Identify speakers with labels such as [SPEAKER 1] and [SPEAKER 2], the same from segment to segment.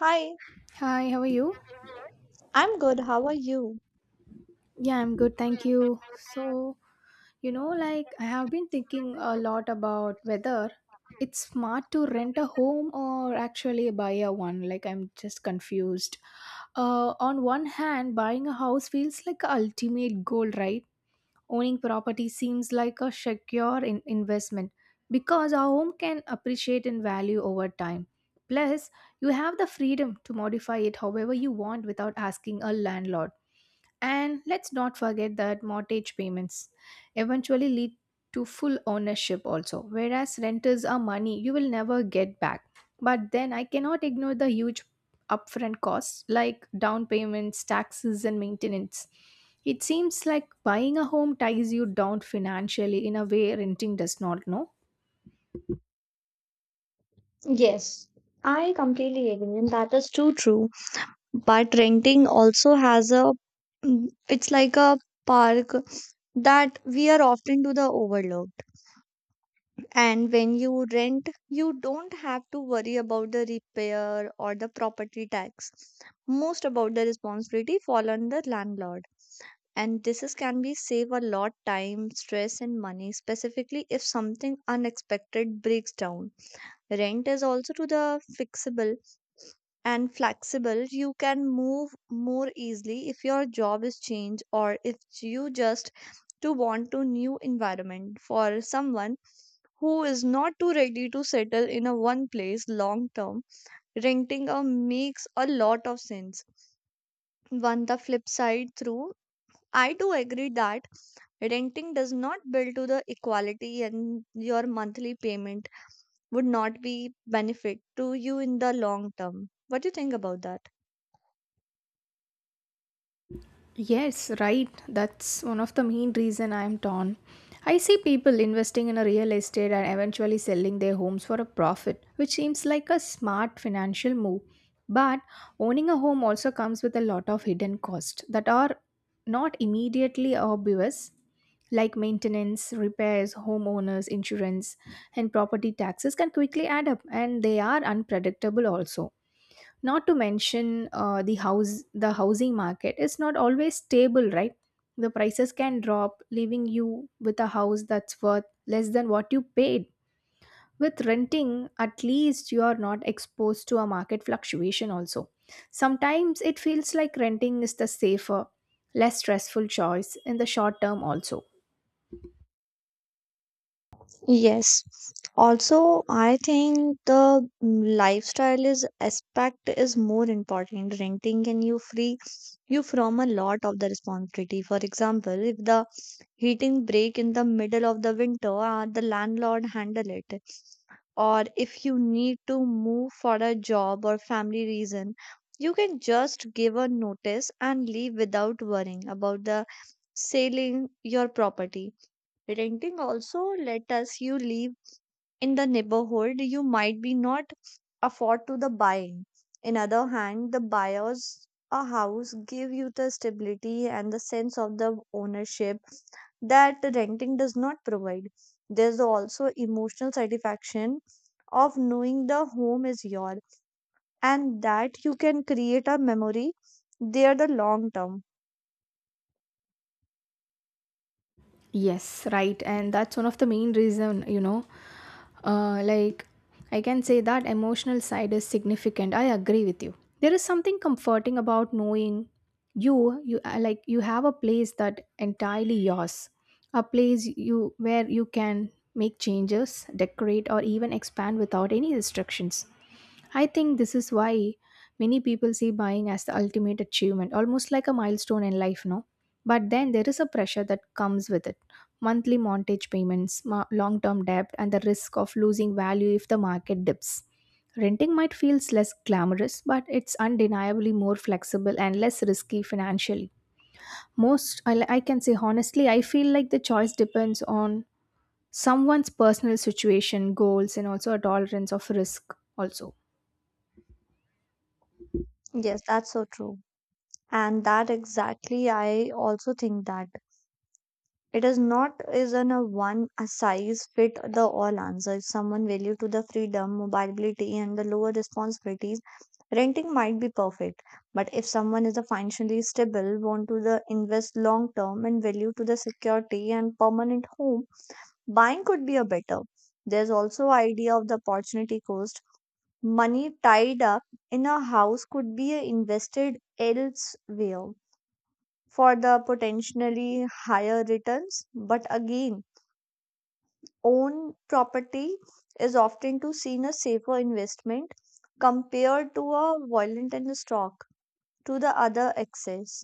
[SPEAKER 1] Hi,
[SPEAKER 2] Hi, how are you?
[SPEAKER 1] I'm good. How are you?
[SPEAKER 2] Yeah, I'm good, thank you. So, like I have been thinking a lot about whether it's smart to rent a home or actually buy a one. Like I'm just confused. On one hand, buying a house feels like a ultimate goal, right? Owning property seems like a secure investment because a home can appreciate in value over time. Plus, you have the freedom to modify it however you want without asking a landlord. And let's not forget that mortgage payments eventually lead to full ownership also, whereas renters are money you will never get back. But then I cannot ignore the huge upfront costs like down payments, taxes, and maintenance. It seems like buying a home ties you down financially in a way renting does not, know.
[SPEAKER 1] Yes, I completely agree, and that is too true. But renting also has a, it's like a park that we are often to the overlooked. And when you rent, you don't have to worry about the repair or the property tax. Most about the responsibility fall on the landlord. And this is can be save a lot time, stress, and money, specifically if something unexpected breaks down. Rent is also to the fixable and flexible. You can move more easily if your job is changed, or if you just to want to new environment for someone who is not too ready to settle in a one place long term, renting a makes a lot of sense. One the flip side through, I do agree that renting does not build to the equality, and your monthly payment would not be benefit to you in the long term. What do you think about that?
[SPEAKER 2] Yes, right. That's one of the main reason I am torn. I see people investing in a real estate and eventually selling their homes for a profit, which seems like a smart financial move. But owning a home also comes with a lot of hidden costs that are not immediately obvious, like maintenance, repairs, homeowners, insurance, and property taxes can quickly add up, and they are unpredictable also. Not to mention the housing market is not always stable, right? The prices can drop, leaving you with a house that's worth less than what you paid. With renting, at least you are not exposed to a market fluctuation also. Sometimes it feels like renting is the safer, less stressful choice in the short term also.
[SPEAKER 1] Yes. Also, I think the lifestyle is aspect is more important. Renting can you free you from a lot of the responsibility. For example, if the heating break in the middle of the winter, the landlord handle it. Or if you need to move for a job or family reason, you can just give a notice and leave without worrying about the selling your property. Renting also let us you live in the neighborhood you might be not afford to the buying. In other hand, the buyers a house give you the stability and the sense of the ownership that the renting does not provide. There's also emotional satisfaction of knowing the home is yours and that you can create a memory there the long term.
[SPEAKER 2] Yes, right. And that's one of the main reason. Like, I can say that emotional side is significant. I agree with you. There is something comforting about knowing you, you like you have a place that entirely yours, a place you where you can make changes, decorate, or even expand without any restrictions. I think this is why many people see buying as the ultimate achievement, almost like a milestone in life, no? But then there is a pressure that comes with it: monthly mortgage payments, long term debt, and the risk of losing value if the market dips. Renting might feel less glamorous, but it's undeniably more flexible and less risky financially. Most, I can say honestly, I feel like the choice depends on someone's personal situation, goals, and also a tolerance of risk, also.
[SPEAKER 1] Yes, that's so true. And that exactly, I also think that. It is not isn't a one a size fit the all answer. If someone value to the freedom, mobility, and the lower responsibilities, renting might be perfect. But if someone is a financially stable, want to the invest long term and value to the security and permanent home, buying could be a better. There's also idea of the opportunity cost. Money tied up in a house could be invested elsewhere for the potentially higher returns. But again, own property is often to seen a safer investment compared to a violent and stock to the other access.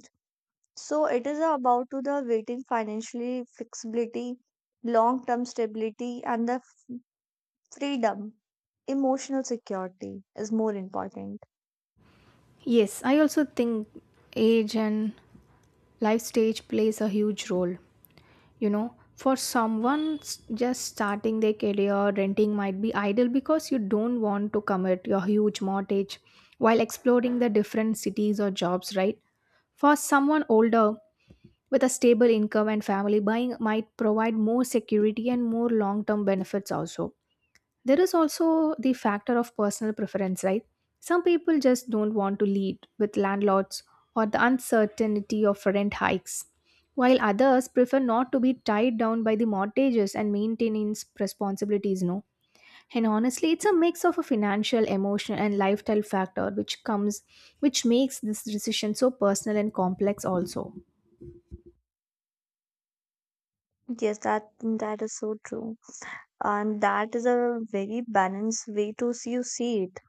[SPEAKER 1] So it is about to the waiting financially flexibility, long-term stability, and the freedom. Emotional security is more important.
[SPEAKER 2] Yes, I also think age and life stage plays a huge role. For someone just starting their career, renting might be ideal because you don't want to commit your huge mortgage while exploring the different cities or jobs, right? For someone older with a stable income and family, buying might provide more security and more long term benefits also. There is also the factor of personal preference, right? Some people just don't want to lead with landlords or the uncertainty of rent hikes, while others prefer not to be tied down by the mortgages and maintenance responsibilities, no? And honestly, it's a mix of a financial, emotional, and lifestyle factor which makes this decision so personal and complex, also.
[SPEAKER 1] Yes, that is so true, and that is a very balanced way to see you see it.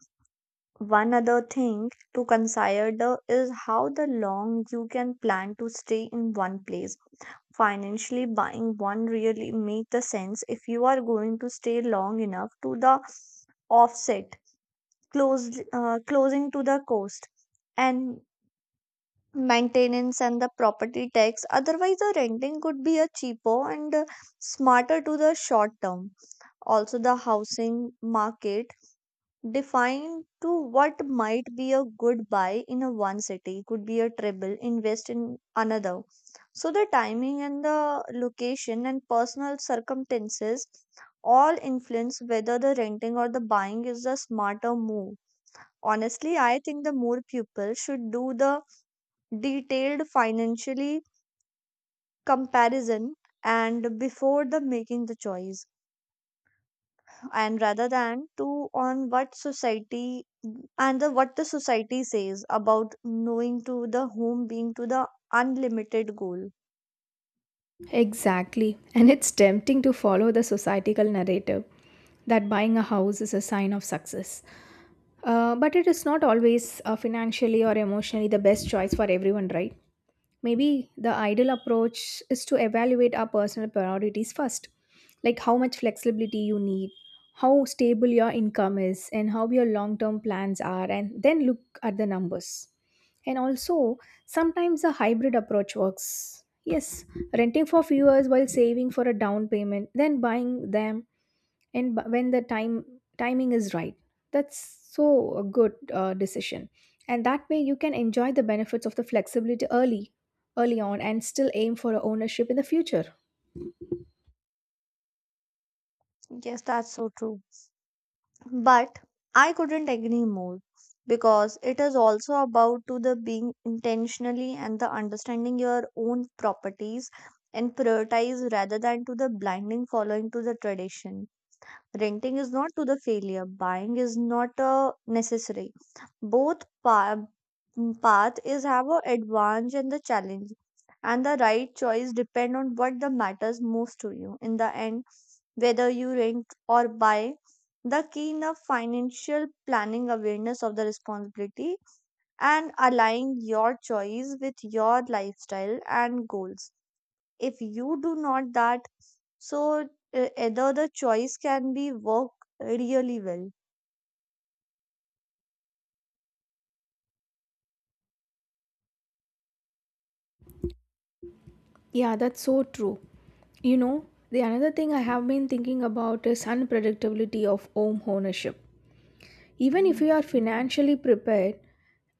[SPEAKER 1] One other thing to consider is how the long you can plan to stay in one place. Financially, buying one really make the sense if you are going to stay long enough to the offset, close, closing to the cost, and maintenance and the property tax. Otherwise, the renting could be a cheaper and smarter to the short term. Also, the housing market define to what might be a good buy in a one city could be a treble invest in another. So the timing and the location and personal circumstances all influence whether the renting or the buying is the smarter move. Honestly, I think the more people should do the detailed financially comparison and before the making the choice, and rather than to on what society and the what the society says about knowing to the home being to the unlimited goal.
[SPEAKER 2] Exactly. And it's tempting to follow the societal narrative that buying a house is a sign of success. But it is not always financially or emotionally the best choice for everyone, right? Maybe the ideal approach is to evaluate our personal priorities first, like how much flexibility you need, how stable your income is, and how your long term plans are, and then look at the numbers. And also, sometimes a hybrid approach works. Yes, renting for few years while saving for a down payment, then buying them and when the time timing is right, that's so a good decision. And that way you can enjoy the benefits of the flexibility early on and still aim for ownership in the future.
[SPEAKER 1] Yes, that's so true. But I couldn't agree more because it is also about to the being intentionally and the understanding your own properties and prioritize rather than to the blinding following to the tradition. Renting is not to the failure, buying is not a necessary. Both path is have a advantage and the challenge, and the right choice depend on what the matters most to you in the end. Whether you rent or buy, the key in the financial planning awareness of the responsibility and aligning your choice with your lifestyle and goals. If you do not that, so, either the choice can be work really well.
[SPEAKER 2] Yeah, that's so true you know the another thing I have been thinking about is unpredictability of home ownership. Even if you are financially prepared,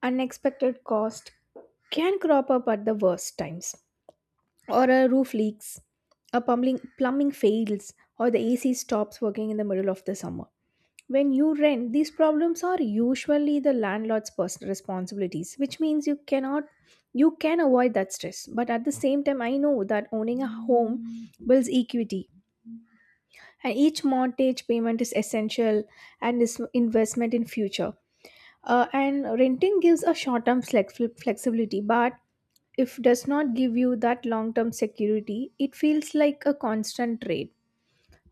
[SPEAKER 2] unexpected cost can crop up at the worst times, or a roof leaks, a plumbing fails, or the AC stops working in the middle of the summer. When you rent, these problems are usually the landlord's personal responsibilities, which means you cannot you can avoid that stress. But at the same time, I know that owning a home builds equity, and each mortgage payment is essential and is investment in future. And renting gives a short-term flexibility, but if does not give you that long term security, it feels like a constant trade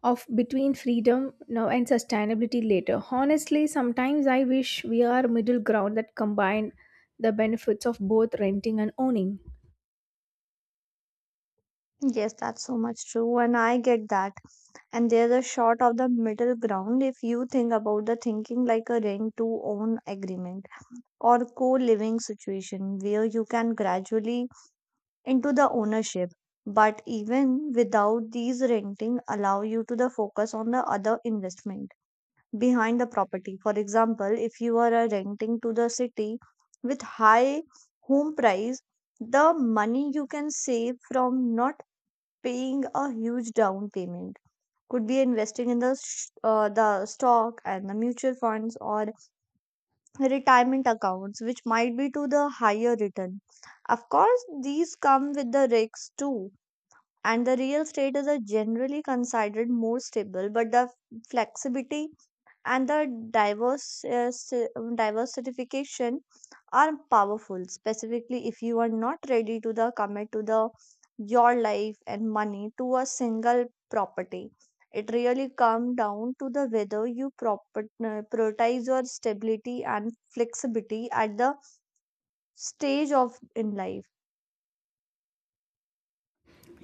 [SPEAKER 2] of between freedom now and sustainability later. Honestly, sometimes I wish we are middle ground that combine the benefits of both renting and owning.
[SPEAKER 1] Yes, that's so much true, and I get that. And there's a shot of the middle ground if you think about the thinking like a rent to own agreement or co living situation where you can gradually into the ownership. But even without these renting, allow you to the focus on the other investment behind the property. For example, if you are renting to the city with high home price, the money you can save from not paying a huge down payment could be investing in the the stock and the mutual funds or retirement accounts which might be to the higher return. Of course these come with the risks too, and the real estate is a generally considered more stable, but the flexibility and the diverse uh, si- diversification are powerful, specifically if you are not ready to the commit to the your life and money to a single property. It really comes down to the whether you prioritize your stability and flexibility at the stage of in life.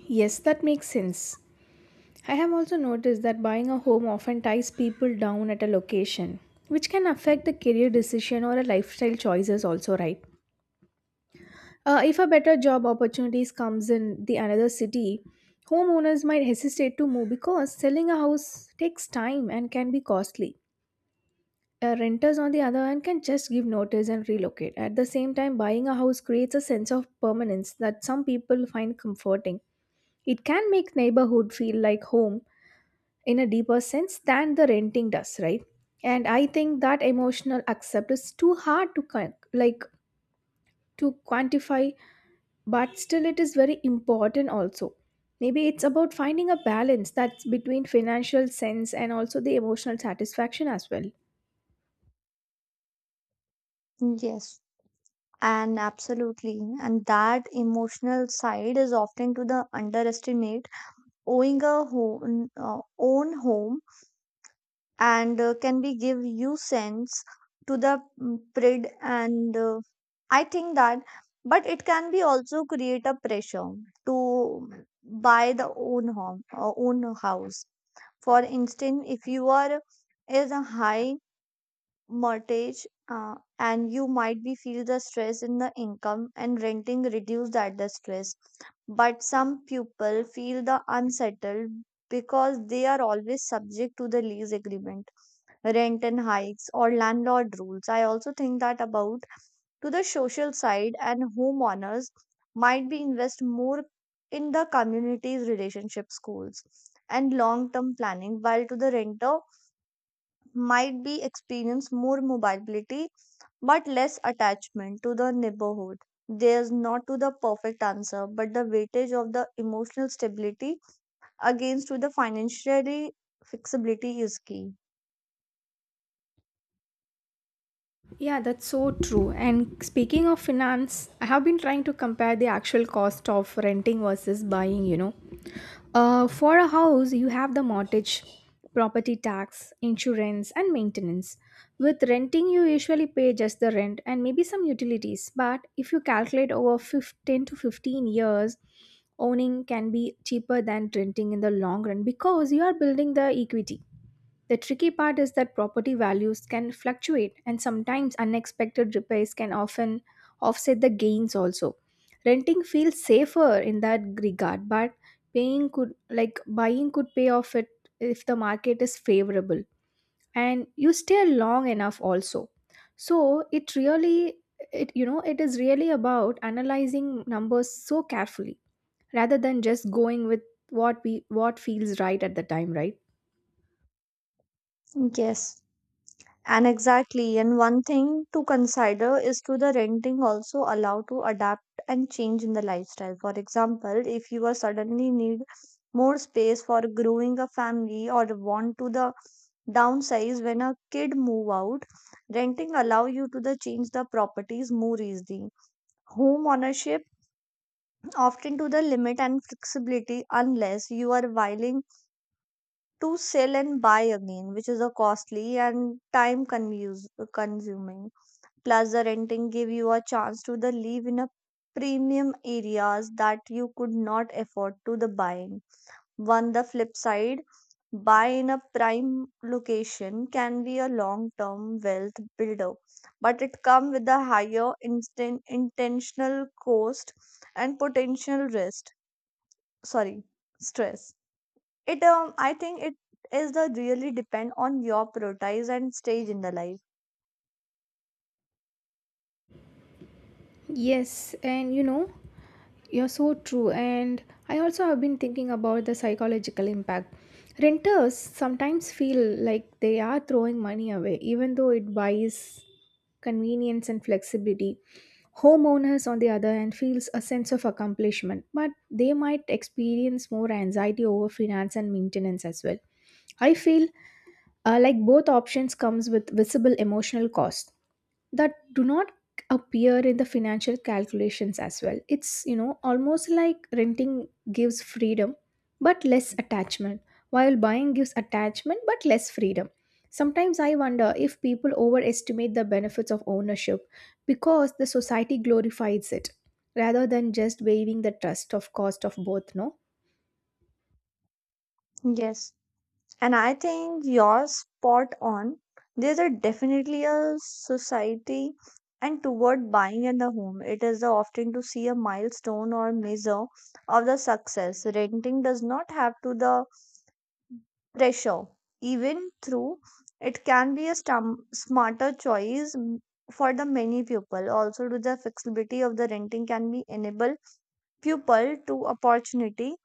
[SPEAKER 2] Yes, that makes sense. I have also noticed that buying a home often ties people down at a location, which can affect the career decision or a lifestyle choices also, right? If a better job opportunities comes in the another city, homeowners might hesitate to move because selling a house takes time and can be costly. Renters, on the other hand, can just give notice and relocate. At the same time, buying a house creates a sense of permanence that some people find comforting. It can make neighborhood feel like home in a deeper sense than the renting does, right? And I think that emotional accept is too hard to like to quantify, but still it is very important also. Maybe it's about finding a balance that's between financial sense and also the emotional satisfaction as well.
[SPEAKER 1] Yes, and absolutely, and that emotional side is often to the underestimate. Owning a home, own home, and can we give you sense to the prid and I think that, but it can be also create a pressure to buy the own home or own house. For instance, if you are is a high mortgage, and you might be feel the stress in the income, and renting reduce that the stress. But some people feel the unsettled because they are always subject to the lease agreement, rent and hikes or landlord rules. I also think that about to the social side, and homeowners might be invest more in the community's relationship schools and long-term planning, while to the renter might be experience more mobility but less attachment to the neighborhood. There's not to the perfect answer, but the weightage of the emotional stability against to the financially flexibility is key.
[SPEAKER 2] Yeah, that's so true. And speaking of finance, I have been trying to compare the actual cost of renting versus buying. For a house, you have the mortgage, property tax, insurance, and maintenance. With renting, you usually pay just the rent and maybe some utilities. But if you calculate over 10 to 15 years, owning can be cheaper than renting in the long run because you are building the equity. The tricky part is that property values can fluctuate, and sometimes unexpected repairs can often offset the gains also. Renting feels safer in that regard, but paying could like buying could pay off it if the market is favorable and you stay long enough also. So it really it you know it is really about analyzing numbers so carefully rather than just going with what feels right at the time, right?
[SPEAKER 1] Yes. And exactly, and one thing to consider is to the renting also allow to adapt and change in the lifestyle. For example, if you are suddenly need more space for growing a family or want to the downsize when a kid move out, renting allow you to the change the properties more easily. Home ownership often to the limit and flexibility unless you are willing to sell and buy again, which is a costly and time consuming. Plus, the renting gave you a chance to the live in a premium areas that you could not afford to the buying. On the flip side, buy in a prime location can be a long-term wealth builder, but it come with a higher instant intentional cost and potential risk. Sorry, stress. It I think it is the really depend on your priorities and stage in the life.
[SPEAKER 2] Yes, and you're so true. And I also have been thinking about the psychological impact. Renters sometimes feel like they are throwing money away, even though it buys convenience and flexibility. Homeowners, on the other hand, feels a sense of accomplishment, but they might experience more anxiety over finance and maintenance as well. I feel like both options comes with visible emotional cost that do not appear in the financial calculations as well. It's almost like renting gives freedom but less attachment, while buying gives attachment but less freedom. Sometimes I wonder if people overestimate the benefits of ownership because the society glorifies it rather than just waiving the trust of cost of both, no?
[SPEAKER 1] Yes. And I think you're spot on. There's a definitely a society and toward buying in the home. It is the often to see a milestone or measure of the success. Renting does not have to the pressure. Even through it can be a smarter choice for the many people. Also, to the flexibility of the renting can be enable people to opportunity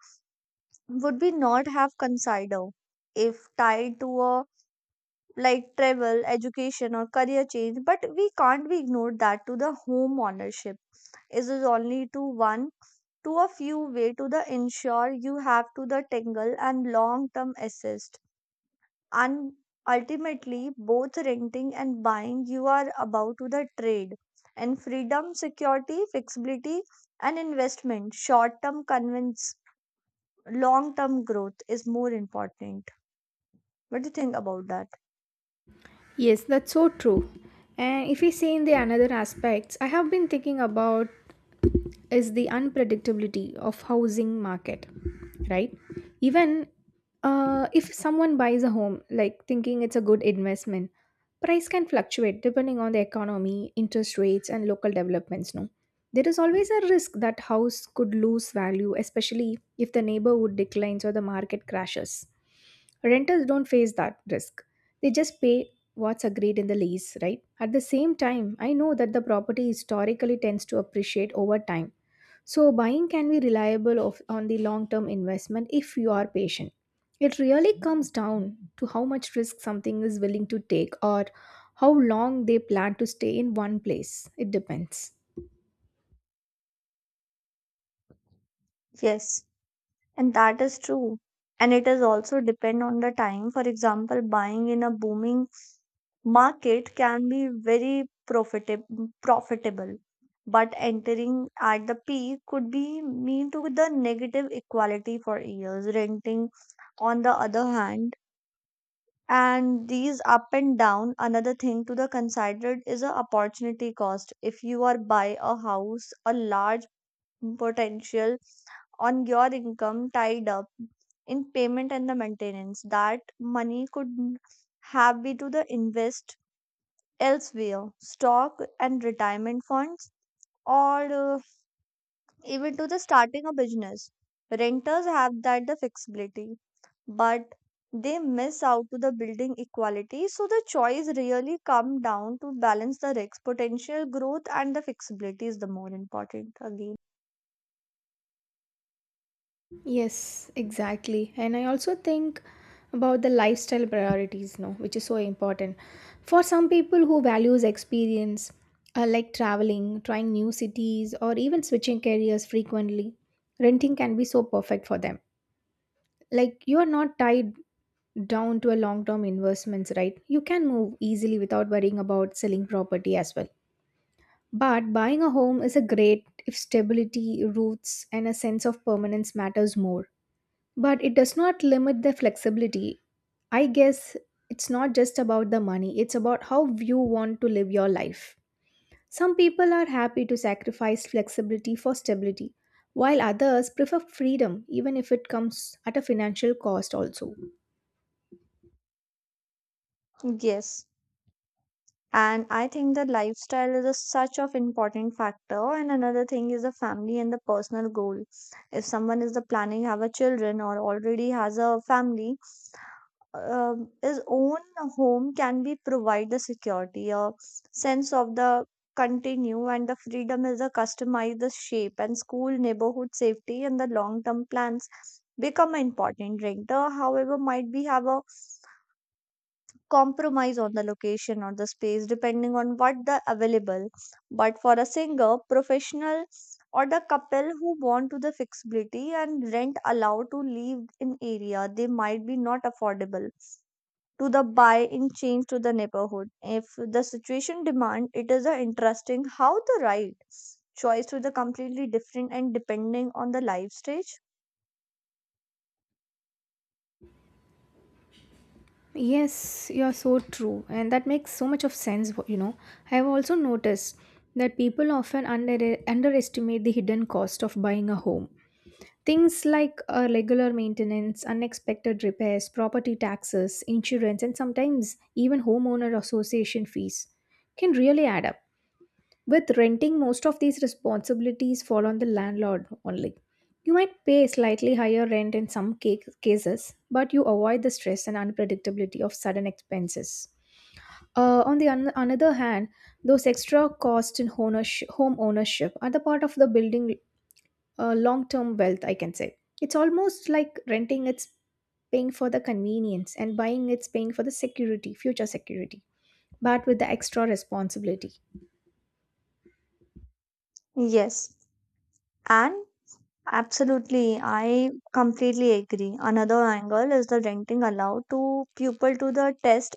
[SPEAKER 1] would be not have considered if tied to a like travel, education, or career change, but we can't be ignored that to the home ownership. Is only to one to a few way to the ensure you have to the tangle and long term assist. And ultimately both renting and buying you are about to the trade and freedom, security, flexibility and investment, short term convince long term growth is more important. What do you think about that?
[SPEAKER 2] Yes, that's so true. And if we see in the another aspects, I have been thinking about is the unpredictability of housing market, right? Even if someone buys a home, like thinking it's a good investment, price can fluctuate depending on the economy interest rates and local developments, no? There is always a risk that house could lose value, especially if the neighborhood declines or the market crashes. Renters don't face that risk. They just pay what's agreed in the lease, right? At the same time, I know that the property historically tends to appreciate over time, so buying can be reliable on the long-term investment if you are patient. It really comes down to how much risk something is willing to take or how long they plan to stay in one place. It depends.
[SPEAKER 1] Yes. And that is true. And it is also depend on the time. For example, buying in a booming market can be very profitable, but entering at the peak could be mean to the negative equality for years. Renting, on the other hand, and these up and down, another thing to the considered is a opportunity cost. If you are buy a house, a large potential on your income tied up in payment and the maintenance. That money could have been to the invest elsewhere, stock and retirement funds, or even to the starting a business. Renters have that the flexibility, but they miss out to the building equality. So the choice really come down to balance the risks, potential growth, and the flexibility is the more important again.
[SPEAKER 2] Yes, exactly. And I also think about the lifestyle priorities, no, which is so important. For some people who values experience, like traveling, trying new cities, or even switching careers frequently, renting can be so perfect for them. Like you are not tied down to a long term investments, right? You can move easily without worrying about selling property as well. But buying a home is a great if stability, roots, and a sense of permanence matters more. But it does not limit the flexibility. I guess it's not just about the money, it's about how you want to live your life. Some people are happy to sacrifice flexibility for stability, while others prefer freedom, even if it comes at a financial cost, also.
[SPEAKER 1] Yes. And I think the lifestyle is a such of important factor, and another thing is the family and the personal goal. If someone is the planning have a children or already has a family, his own home can be provide the security, a sense of the continue, and the freedom is a customize the shape and school, neighborhood safety, and the long term plans become important. Renter, however, might be have a compromise on the location or the space depending on what the available. But for a singer, professional or the couple who want to the flexibility and rent allowed to live in area they might be not affordable to the buy in change to the neighborhood if the situation demand. It is a interesting how the right choice to the completely different and depending on the life stage.
[SPEAKER 2] Yes, you're so true, and that makes so much of sense. I have also noticed that people often underestimate the hidden cost of buying a home. Things like regular maintenance, unexpected repairs, property taxes, insurance, and sometimes even homeowner association fees can really add up. With renting, most of these responsibilities fall on the landlord only. You might pay slightly higher rent in cases, but you avoid the stress and unpredictability of sudden expenses. On another hand, those extra costs in home ownership are the part of the building long-term wealth. I can say it's almost like renting; it's paying for the convenience, and buying; it's paying for future security, but with the extra responsibility.
[SPEAKER 1] Yes. And absolutely, I completely agree. Another angle is the renting allow to people to the test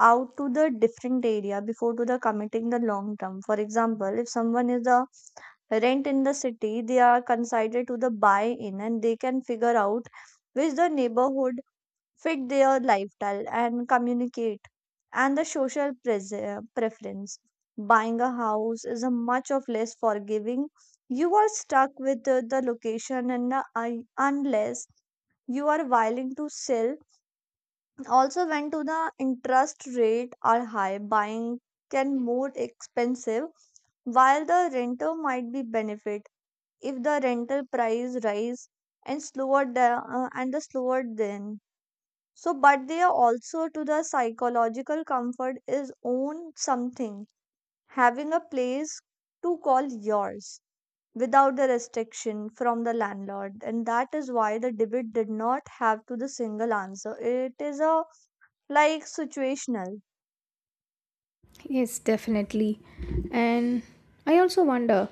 [SPEAKER 1] out to the different area before to the committing the long term. For example, if someone is the rent in the city, they are considered to the buy in, and they can figure out which the neighborhood fit their lifestyle and communicate and the social preference. Buying a house is a much of less forgiving. You are stuck with the location and the, I unless you are willing to sell. Also, when to the interest rate are high, buying can more expensive while the renter might be benefit if the rental price rise and slower the slower then. So, but they are also to the psychological comfort is own something, having a place to call yours without the restriction from the landlord. And that is why the debate did not have to the single answer. It is a like situational.
[SPEAKER 2] Yes, definitely. And I also wonder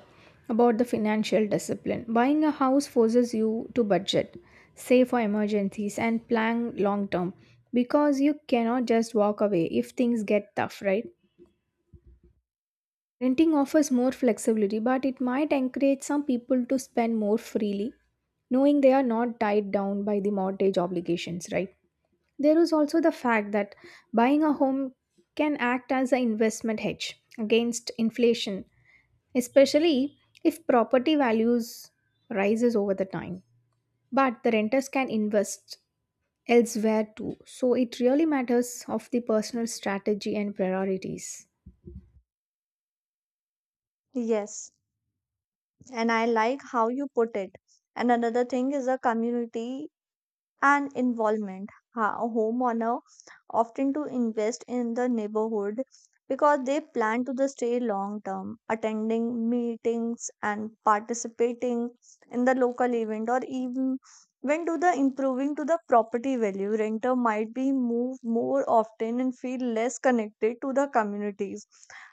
[SPEAKER 2] about the financial discipline. Buying a house forces you to budget, save for emergencies, and plan long term because you cannot just walk away if things get tough, right? Renting offers more flexibility, but it might encourage some people to spend more freely, knowing they are not tied down by the mortgage obligations, right? There is also the fact that buying a home can act as an investment hedge against inflation, especially if property values rises over the time. But the renters can invest elsewhere too, so it really matters of the personal strategy and priorities.
[SPEAKER 1] Yes. And I like how you put it. And another thing is a community and involvement. Homeowner often to invest in the neighborhood because they plan to the stay long term, attending meetings and participating in the local event or even when to the improving to the property value. Renter might be moved more often and feel less connected to the communities.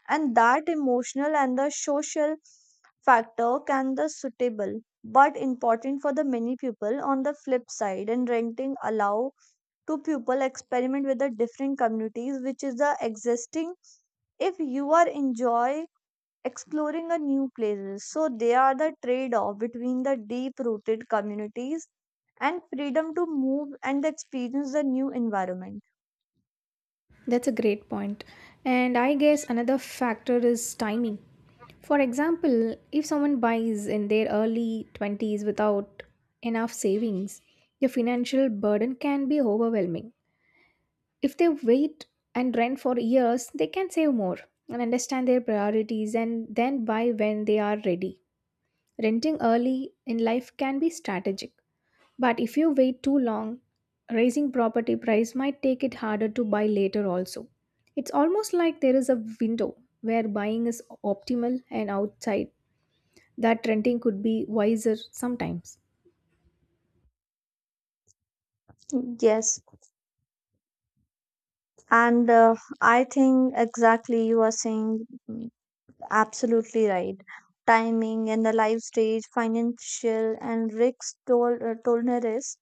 [SPEAKER 1] And that emotional and the social factor can the suitable but important for the many people. On the flip side, and renting allow to people experiment with the different communities, which is the existing if you are enjoy exploring a new places. So they are the trade off between the deep rooted communities and freedom to move and experience the new environment.
[SPEAKER 2] That's a great point. And I guess another factor is timing. For example, if someone buys in their early 20s without enough savings, the financial burden can be overwhelming. If they wait and rent for years, they can save more and understand their priorities and then buy when they are ready. Renting early in life can be strategic, but if you wait too long, raising property price might take it harder to buy later also. It's almost like there is a window where buying is optimal and outside that renting could be wiser sometimes.
[SPEAKER 1] Yes, and I think exactly you are saying, absolutely right. Timing and the life stage, financial and risk tolerance,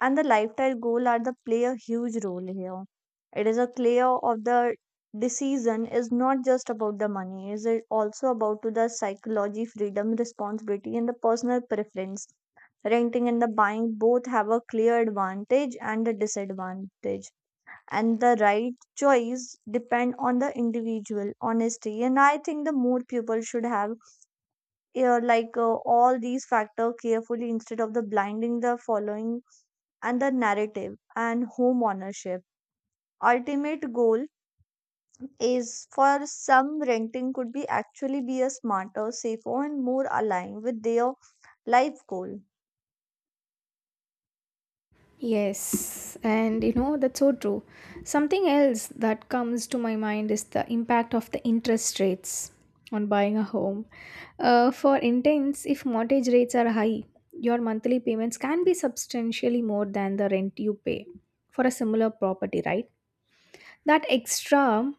[SPEAKER 1] and the lifestyle goal are the play a huge role here. It is a clear of the decision is not just about the money. Is it also about to the psychology, freedom, responsibility, and the personal preference. Renting and the buying both have a clear advantage and a disadvantage, and the right choice depend on the individual honesty. And I think the more people should have all these factor carefully instead of the blinding the following and the narrative and home ownership ultimate goal is for some renting could be actually be a smarter, safer, and more aligned with their life goal.
[SPEAKER 2] Yes, and you know, that's so true. Something else that comes to my mind is the impact of the interest rates on buying a home. For intents, if mortgage rates are high, your monthly payments can be substantially more than the rent you pay for a similar property, right? That extra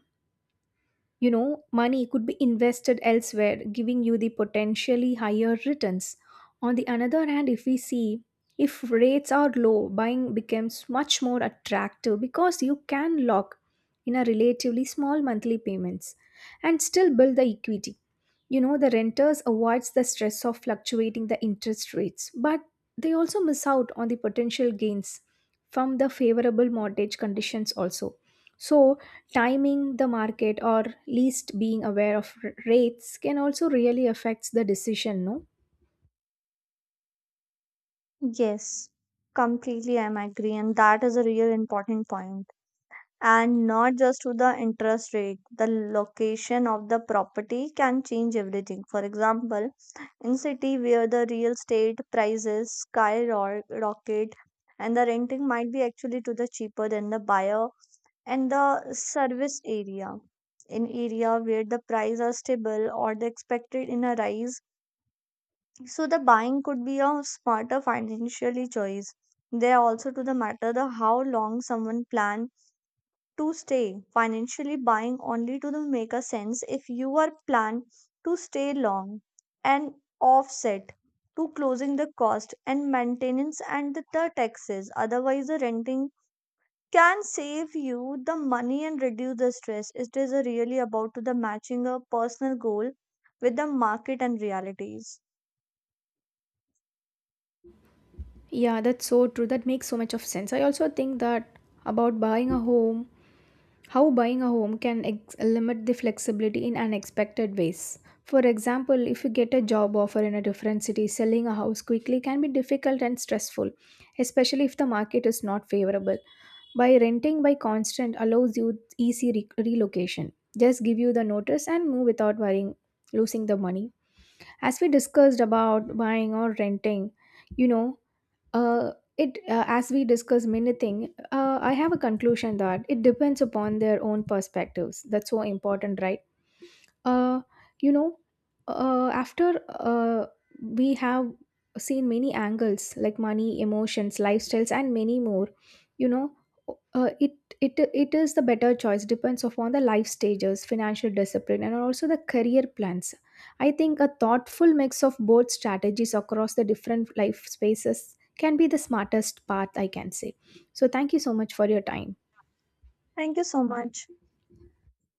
[SPEAKER 2] money could be invested elsewhere, giving you the potentially higher returns. On the another hand, if we see if rates are low, buying becomes much more attractive because you can lock in a relatively small monthly payments and still build the equity. You know, the renters avoids the stress of fluctuating the interest rates, but they also miss out on the potential gains from the favorable mortgage conditions also. So, timing the market or least being aware of rates can also really affects the decision no.
[SPEAKER 1] Yes, completely I'm agree, and that is a real important point. And not just to the interest rate, the location of the property can change everything. For example, in city where the real estate prices skyrocket and the renting might be actually to the cheaper than the buyer and the service area. In area where the price are stable or the expected in a rise, so the buying could be a smarter financially choice. They are also to the matter the how long someone plan to stay. Financially, buying only to the make a sense if you are planned to stay long and offset to closing the cost and maintenance and the taxes. Otherwise, the renting can save you the money and reduce the stress. It is a really about to the matching a personal goal with the market and realities.
[SPEAKER 2] Yeah, that's so true. That makes so much of sense. I also think that about buying a home, how buying a home can limit the flexibility in unexpected ways. For example, if you get a job offer in a different city, selling a house quickly can be difficult and stressful, especially if the market is not favorable. By renting by constant allows you easy relocation. Just give you the notice and move without worrying losing the money. As we discussed about buying or renting, you know, uh, it as we discussed many things. I have a conclusion that it depends upon their own perspectives. That's so important, right? uh, you know, after We have seen many angles like money, emotions, lifestyles, and many more, you know, uh, it it is the better choice depends upon the life stages, financial discipline, and also the career plans. I think a thoughtful mix of both strategies across the different life spaces can be the smartest path I can say. So thank you so much for your time.
[SPEAKER 1] Thank you so much.